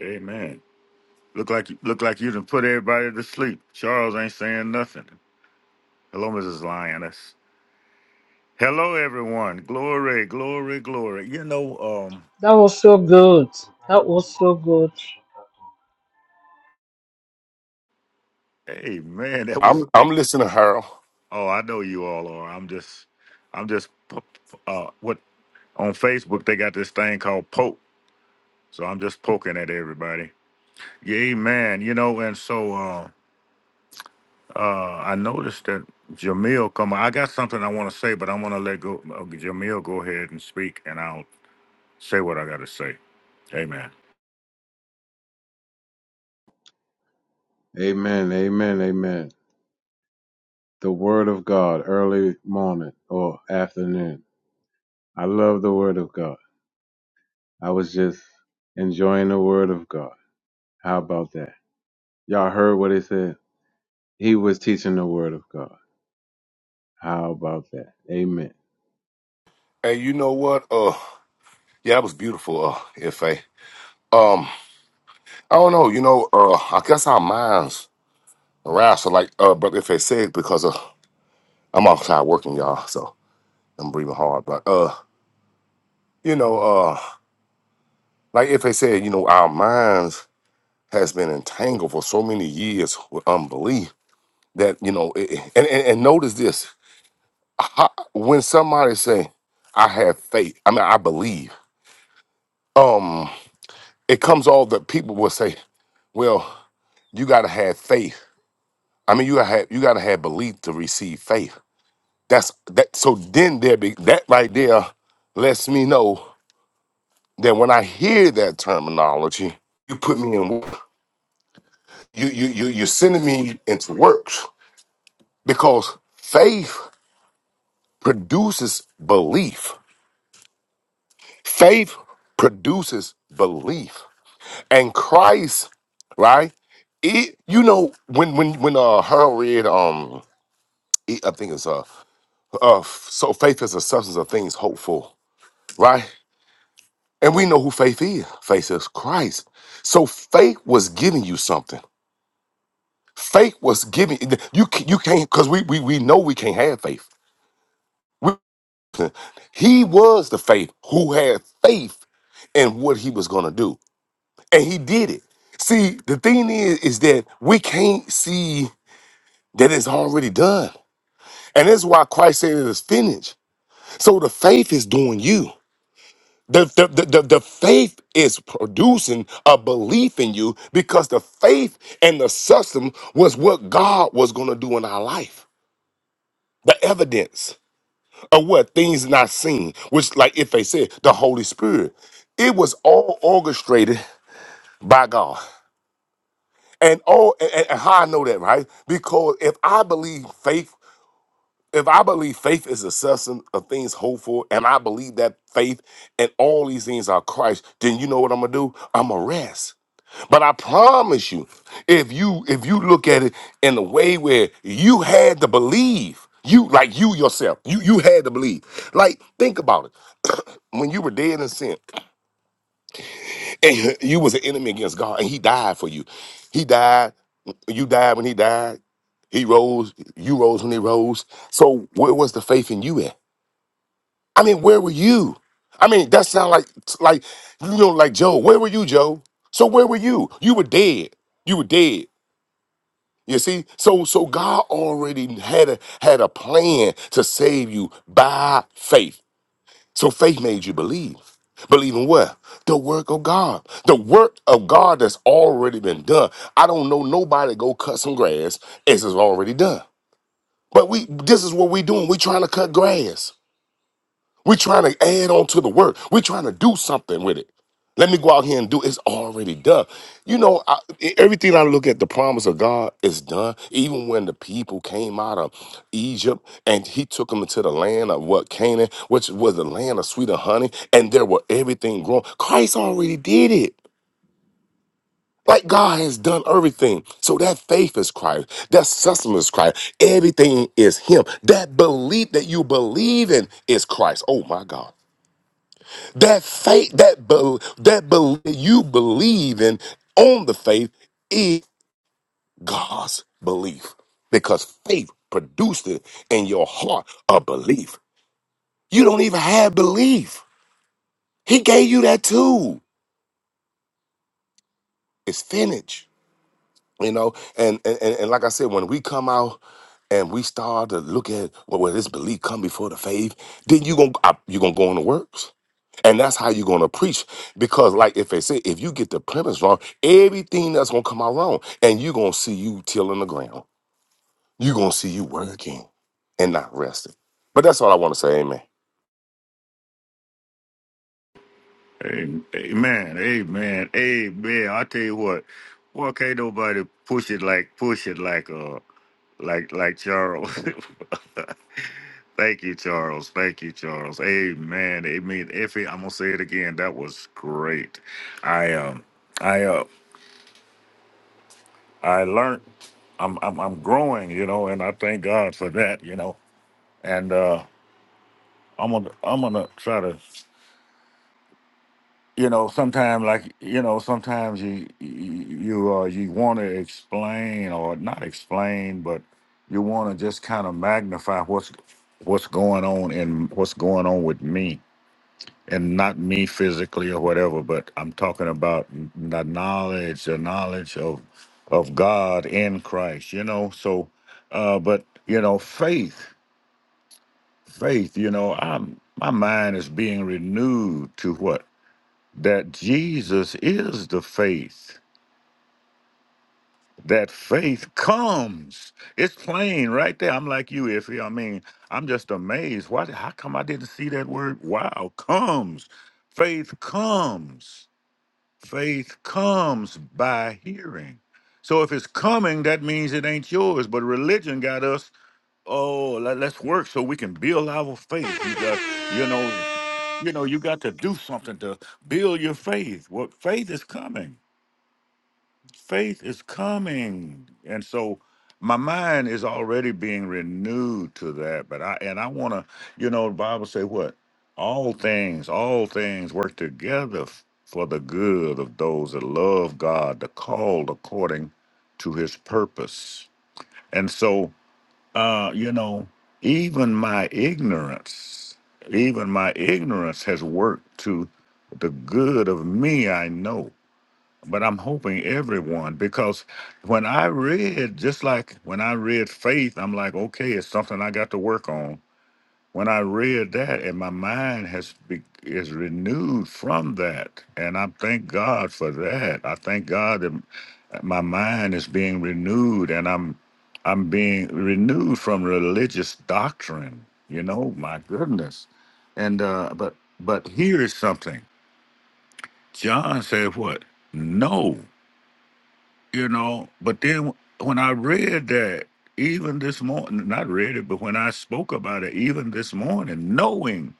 Speaker 3: Amen. Look like you look like you done put everybody to sleep. Charles ain't saying nothing. Hello, Mrs. Lioness. Hello, everyone. Glory, glory, glory. You know, um,
Speaker 2: That was so good. That was so good.
Speaker 3: hey man, that was
Speaker 4: I'm I'm
Speaker 3: that.
Speaker 4: listening, Harold.
Speaker 3: Oh, I know you all are. I'm just, I'm just, p- p- uh, what on Facebook they got this thing called poke. So I'm just poking at everybody. Yeah, man. You know, and so, uh, Uh, I noticed that Jamil come. I got something I want to say, but I'm gonna let go. uh, Jamil go ahead and speak, and I'll say what I gotta say. Amen.
Speaker 5: Amen. Amen. Amen. The word of God early morning or afternoon. I love the word of God. I was just enjoying the word of God. How about that? Y'all heard what he said? He was teaching the word of God. How about that? Amen.
Speaker 4: And you know what? Uh, yeah, that was beautiful. Uh, if I um, I don't know. You know, uh, I guess our minds aroused. So like, uh, brother, if I said because uh, I'm outside working, y'all, so I'm breathing hard. But uh, you know, uh, like if I said, you know, our minds has been entangled for so many years with unbelief that you know, it, it- and, and and notice this: How- when somebody say, "I have faith," I mean, I believe. Um it comes all the people will say, well, you gotta have faith. I mean, you gotta have you gotta have belief to receive faith. That's that. So then there be that right there lets me know that when I hear that terminology, you put me in work. You you you you're sending me into works because faith produces belief. Faith produces belief, and Christ, right? It, you know when when when uh Harold read um E- I think it's uh, uh, so faith is a substance of things hoped for, right? And we know who faith is. Faith is Christ. So faith was giving you something. Faith was giving you. ca- You can't because we, we we know we can't have faith. We, he was the faith who had faith in what he was gonna do, and he did it. See, the thing is, is that we can't see that it's already done, and that's why Christ said it is finished. So the faith is doing you. The, the, the, the, the faith is producing a belief in you because the faith and the substance was what God was going to do in our life. The evidence of what things not seen, which, like if they said, the Holy Spirit, it was all orchestrated by God. And all and, and how I know that, right? Because if I believe faith if I believe faith is the substance of things hoped for, and I believe that faith and all these things are Christ, then you know what I'm gonna do? I'm gonna rest. But I promise you, if you if you look at it in the way where you had to believe, you like you yourself, you you had to believe. Like think about it. when you were dead in sin. And you was an enemy against God, and He died for you. He died. You died when He died. He rose. You rose when He rose. So where was the faith in you at? I mean, where were you? I mean, that sound like like you know, like Joe. Where were you, Joe? So where were you? You were dead. You were dead. You see, so so God already had a had a plan to save you by faith. So faith made you believe. Believe in what? The work of God. The work of God that's already been done. I don't know nobody go cut some grass as it's already done. But we this is what we're doing. We're trying to cut grass. We're trying to add on to the word. We're trying to do something with it. Let me go out here and do. It's already done. You know, I, e- everything I look at, the promise of God is done. Even when the people came out of Egypt and He took them into the land of what Canaan, which was the land of sweet and honey, and there were everything growing. Christ already did it. Like God has done everything. So that faith is Christ. That sustenance is Christ. Everything is Him. That belief that you believe in is Christ. Oh my God. That faith, that be, that bel you believe in on the faith is God's belief because faith produced it in your heart a belief. You don't even have belief. He gave you that too. It's finished, you know. And and and, and like I said, when we come out and we start to look at well, well this belief come before the faith, then you gonna I- you gonna go on the works. And that's how you're gonna preach. Because, like if they say, if you get the premise wrong, everything that's gonna come out wrong. And you're gonna see you tilling the ground. You're gonna see you working and not resting. But that's all I want to say, amen.
Speaker 3: Amen. Amen. Amen. I tell you what. Well, can't nobody push it like push it like uh like like Charles. Thank you, Charles. Thank you, Charles. Amen. Amen. Effie, I'm gonna say it again. That was great. I um I uh I learned I'm, I'm I'm growing, you know, and I thank God for that, you know. And uh I'm gonna I'm gonna try to, you know, sometimes like you know, sometimes you you uh, you want to explain or not explain, but you want to just kind of magnify what's what's going on and what's going on with me, and not me physically or whatever, but I'm talking about the knowledge, the knowledge of of God in Christ, you know. So, uh, but you know, faith, faith, you know, I'm my mind is being renewed to what that Jesus is the faith. That faith comes. It's plain right there. I'm like you, Iffy. I mean, I'm just amazed. Why? How come I didn't see that word? Wow, comes. Faith comes Faith comes by hearing. So if it's coming, that means it ain't yours. But religion got us. Oh, let, us work so we can build our faith. You got, you know, you know, you got to do something to build your faith. What faith is coming? faith is coming and so my mind is already being renewed to that but i and i want to you know the bible say what all things all things work together f- for the good of those that love god the called according to his purpose and so uh you know even my ignorance even my ignorance has worked to the good of me i know but I'm hoping everyone because when I read, just like when I read faith, I'm like, okay, it's something I got to work on. When I read that, and my mind has be, is renewed from that, and I thank God for that. I thank God that my mind is being renewed, and I'm I'm being renewed from religious doctrine. You know, my goodness, and uh, but but here is something. John said, "What? No." you know. But then when I read that, even this morning, not read it, but when I spoke about it, even this morning, knowing,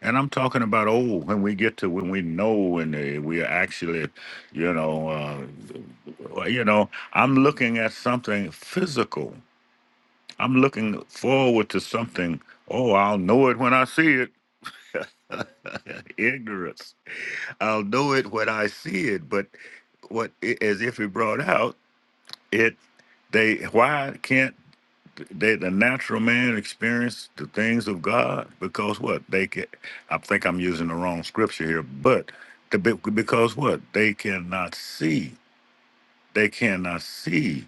Speaker 3: and I'm talking about, oh, when we get to when we know and uh, we are actually, you know, uh, you know, I'm looking at something physical. I'm looking forward to something. Oh, I'll know it when I see it. Ignorance. I'll know it when I see it, but what as if he brought out. It they why can't they the natural man experience the things of God because what they can I think I'm using the wrong scripture here but the, be- because what they cannot see they cannot see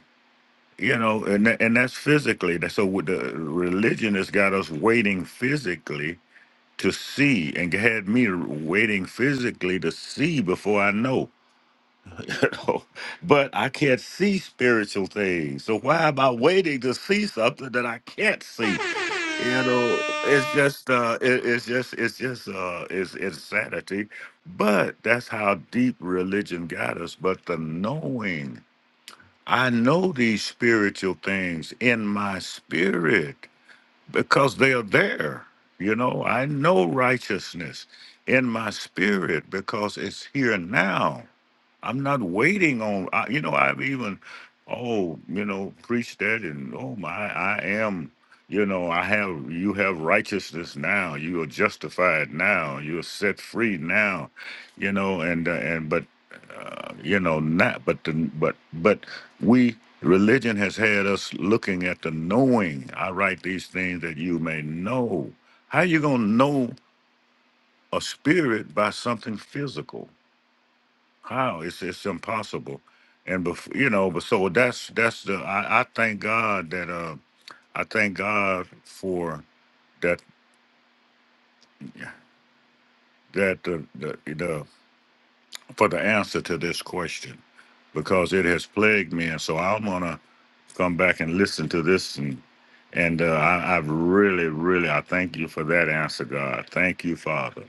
Speaker 3: you know and tha- and that's physically That's- so with the religion has got us waiting physically to see and had me waiting physically to see before I know but I can't see spiritual things. So why am I waiting to see something that I can't see? You know, it's just uh it, it's just it's just uh it's insanity. But that's how deep religion got us. But the knowing, I know these spiritual things in my spirit because they are there. You know, I know righteousness in my spirit because it's here now. I'm not waiting on, I, you know, I've even, oh, you know, preached that and oh my, I am, you know, I have, you have righteousness now. You are justified now. You are set free now, you know, and, uh, and, but, uh, you know, not, but, the, but, but we religion has had us looking at the knowing i write these things that you may know how you going to know a spirit by something physical how it's it's impossible and before you know but so that's that's the i, I thank god that uh i thank god for that that the, the the for the answer to this question because it has plagued me and so i'm gonna come back and listen to this and and uh, I, I really, really, I thank you for that answer, God. Thank you, Father.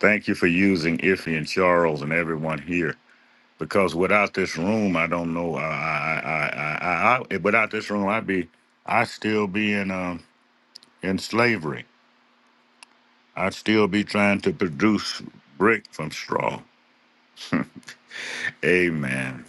Speaker 3: Thank you for using Iffy and Charles and everyone here. Because without this room, I don't know. I, I, I, I, I, I without this room, I'd be, I'd still be in, um, in slavery. I'd still be trying to produce brick from straw. Amen.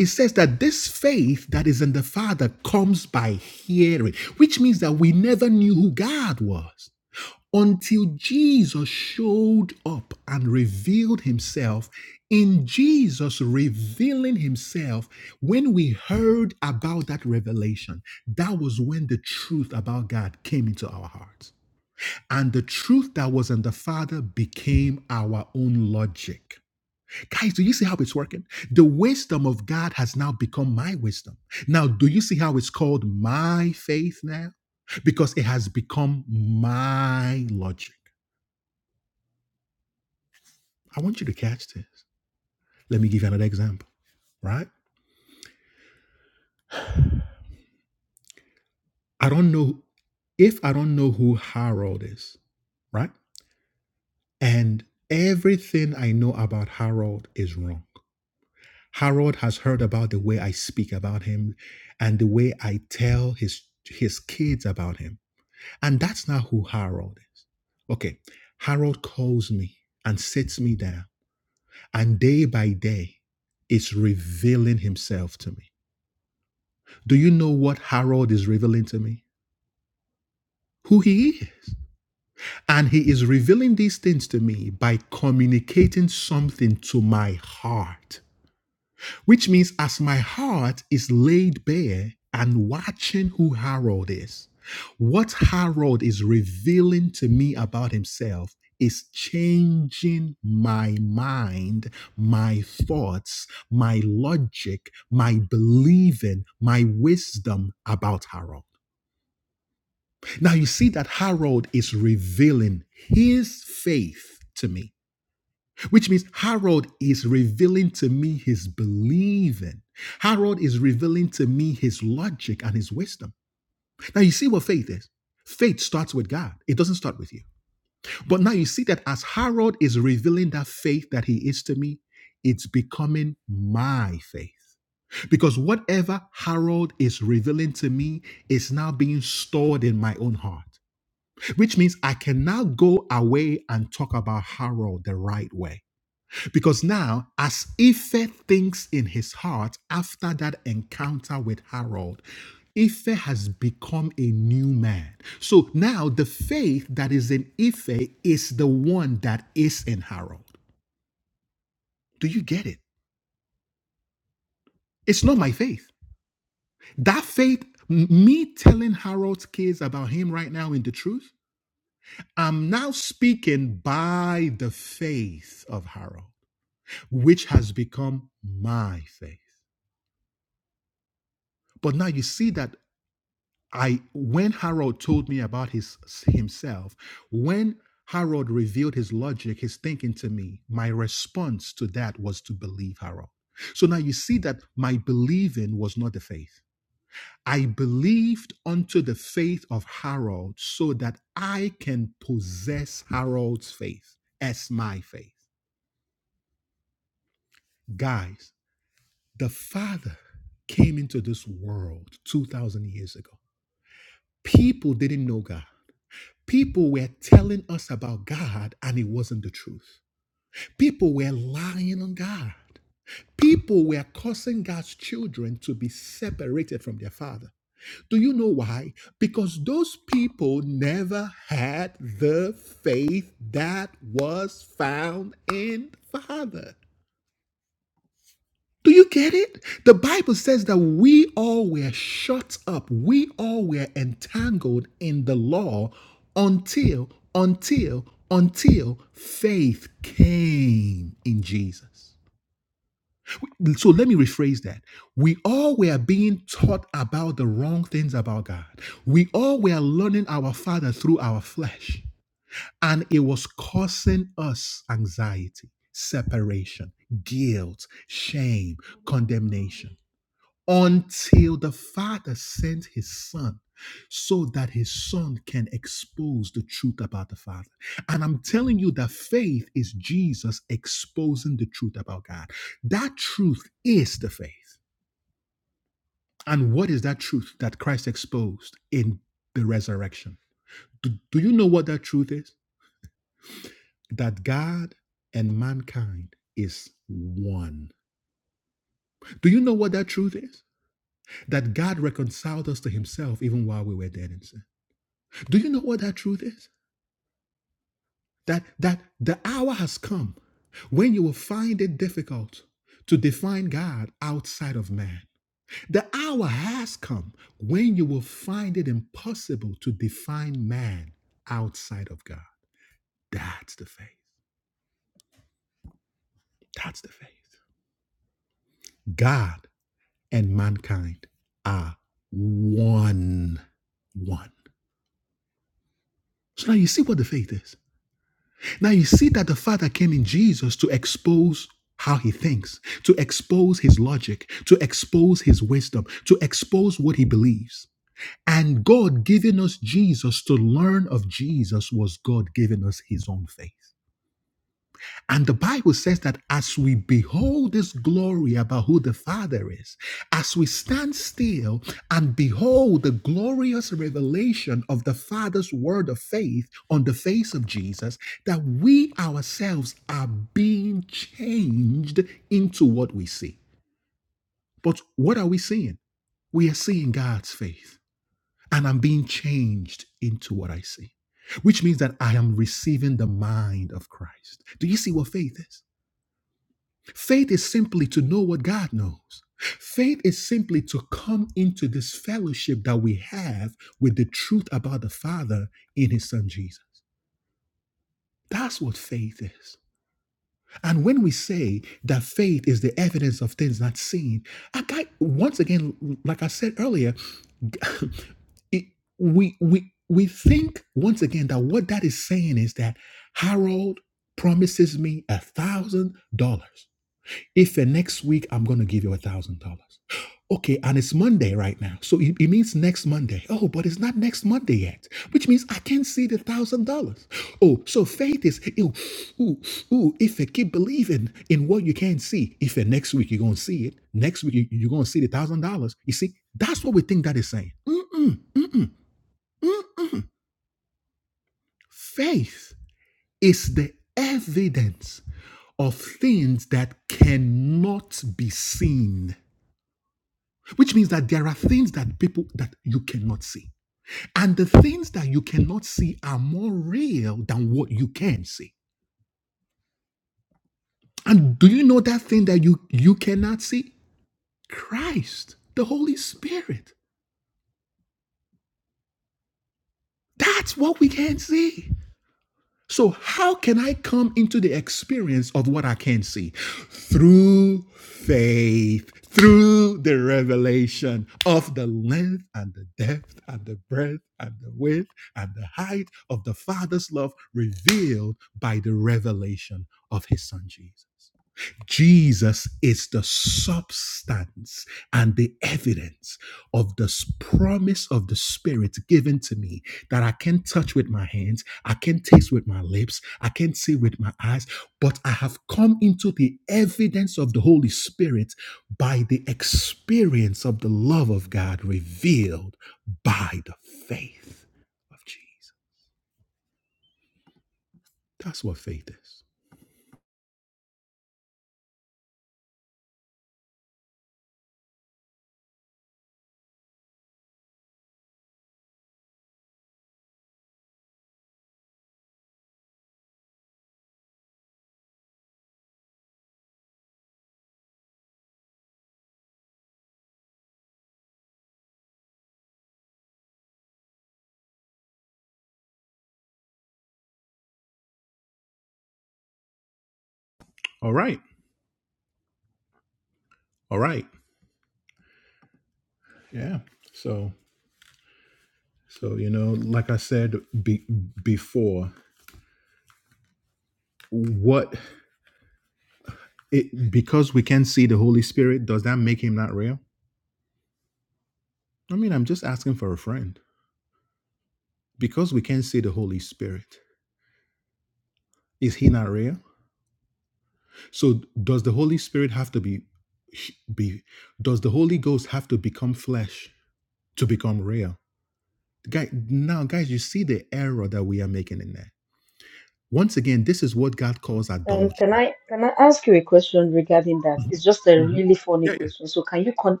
Speaker 2: Um, can I can I ask you a question regarding that? It's just a really funny question. So can you con-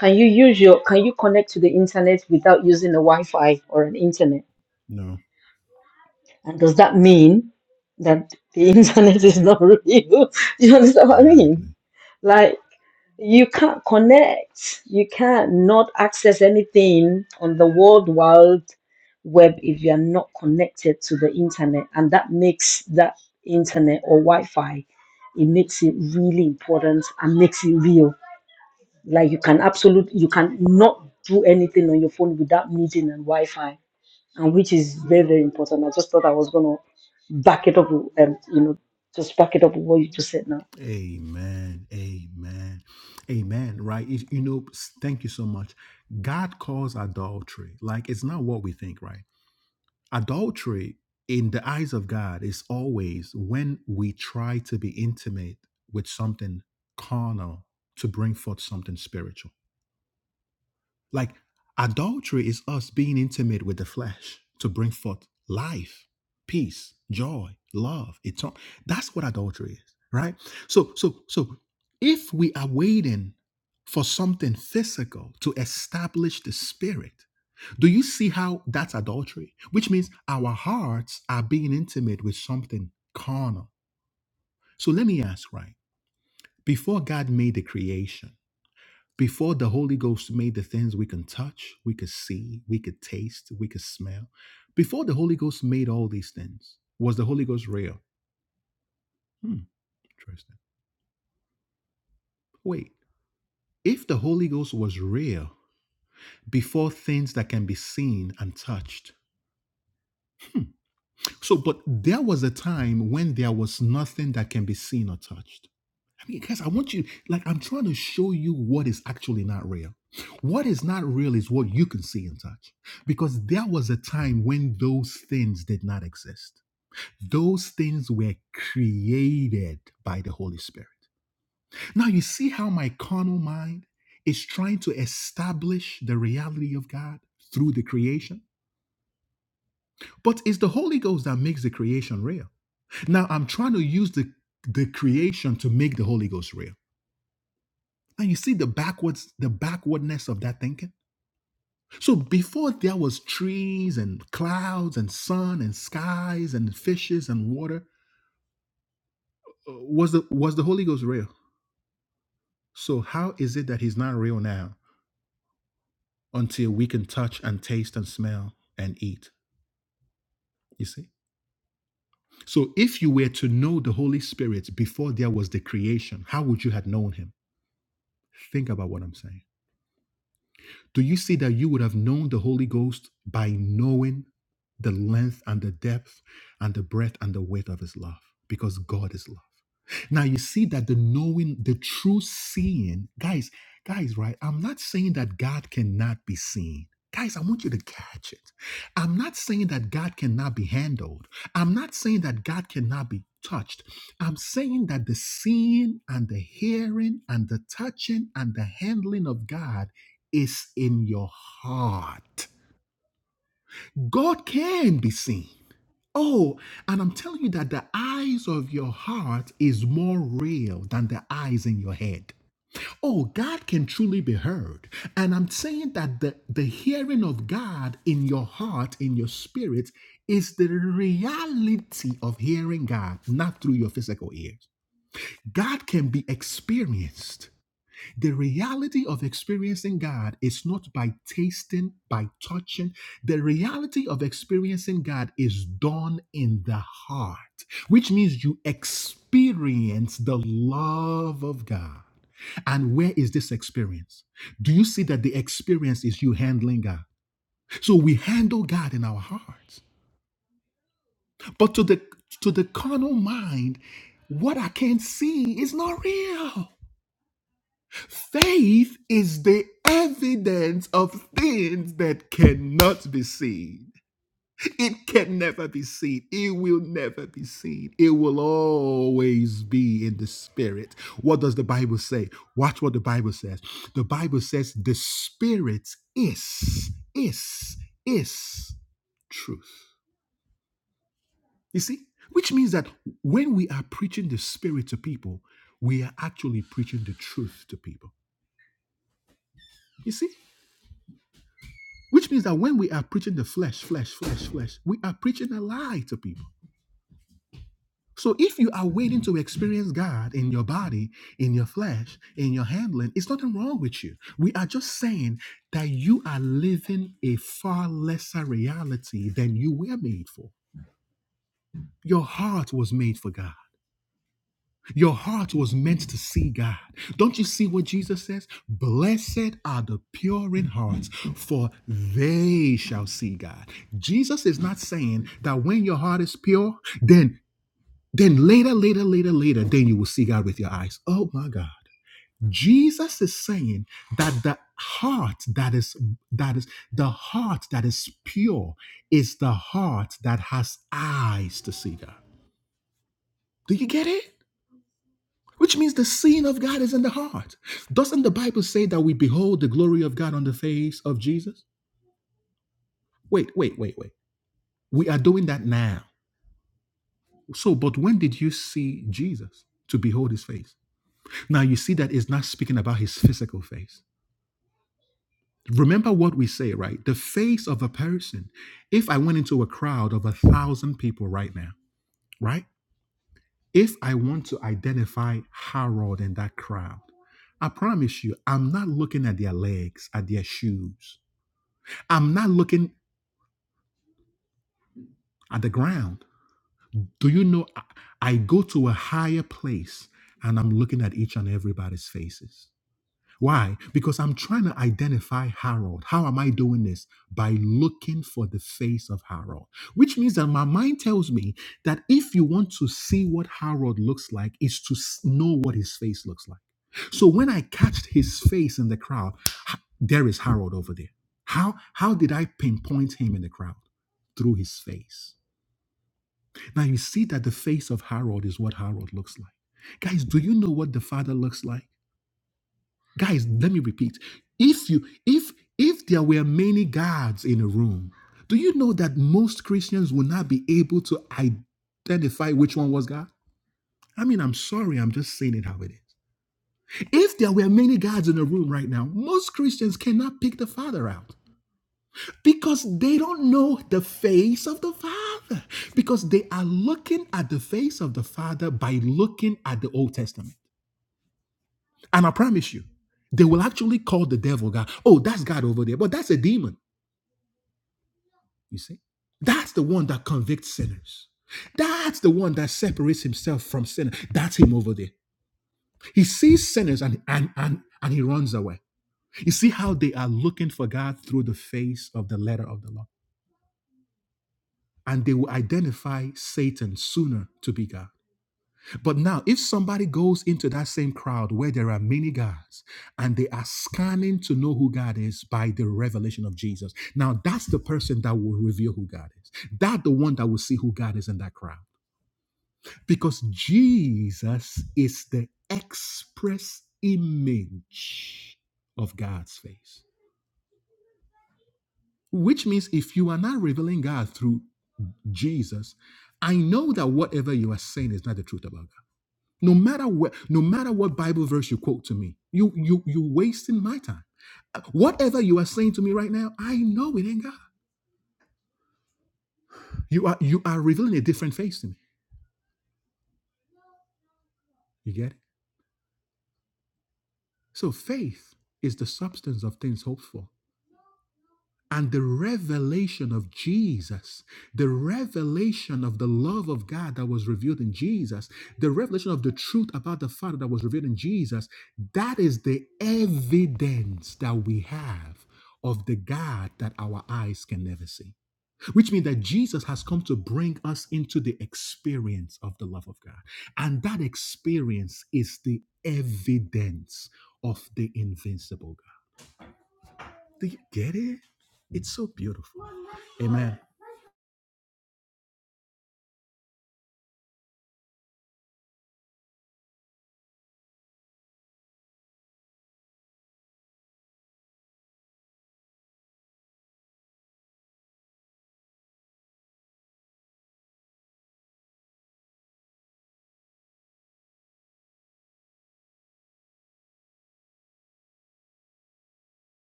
Speaker 2: can you use your can you connect to the internet without using a Wi-Fi or an internet? And does that mean that the internet is not real? you understand what I mean? Like you can't connect you can't not access anything on the world wide web if you are not connected to the internet and that makes that internet or wi-fi it makes it really important and makes it real like you can absolutely you can not do anything on your phone without needing a wi-fi and which is very very important i just thought i was going to back it up and you know just back it up with what you just said now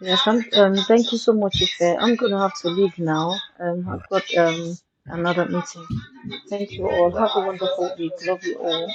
Speaker 2: Yes, I'm, um, thank you so much, Ife. I'm going to have to leave now. Um, I've got um, another meeting. Thank you all. Have a wonderful week. Love you all.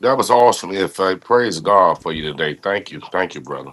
Speaker 4: That was awesome. If I praise God for you today. Thank you. Thank you, brother.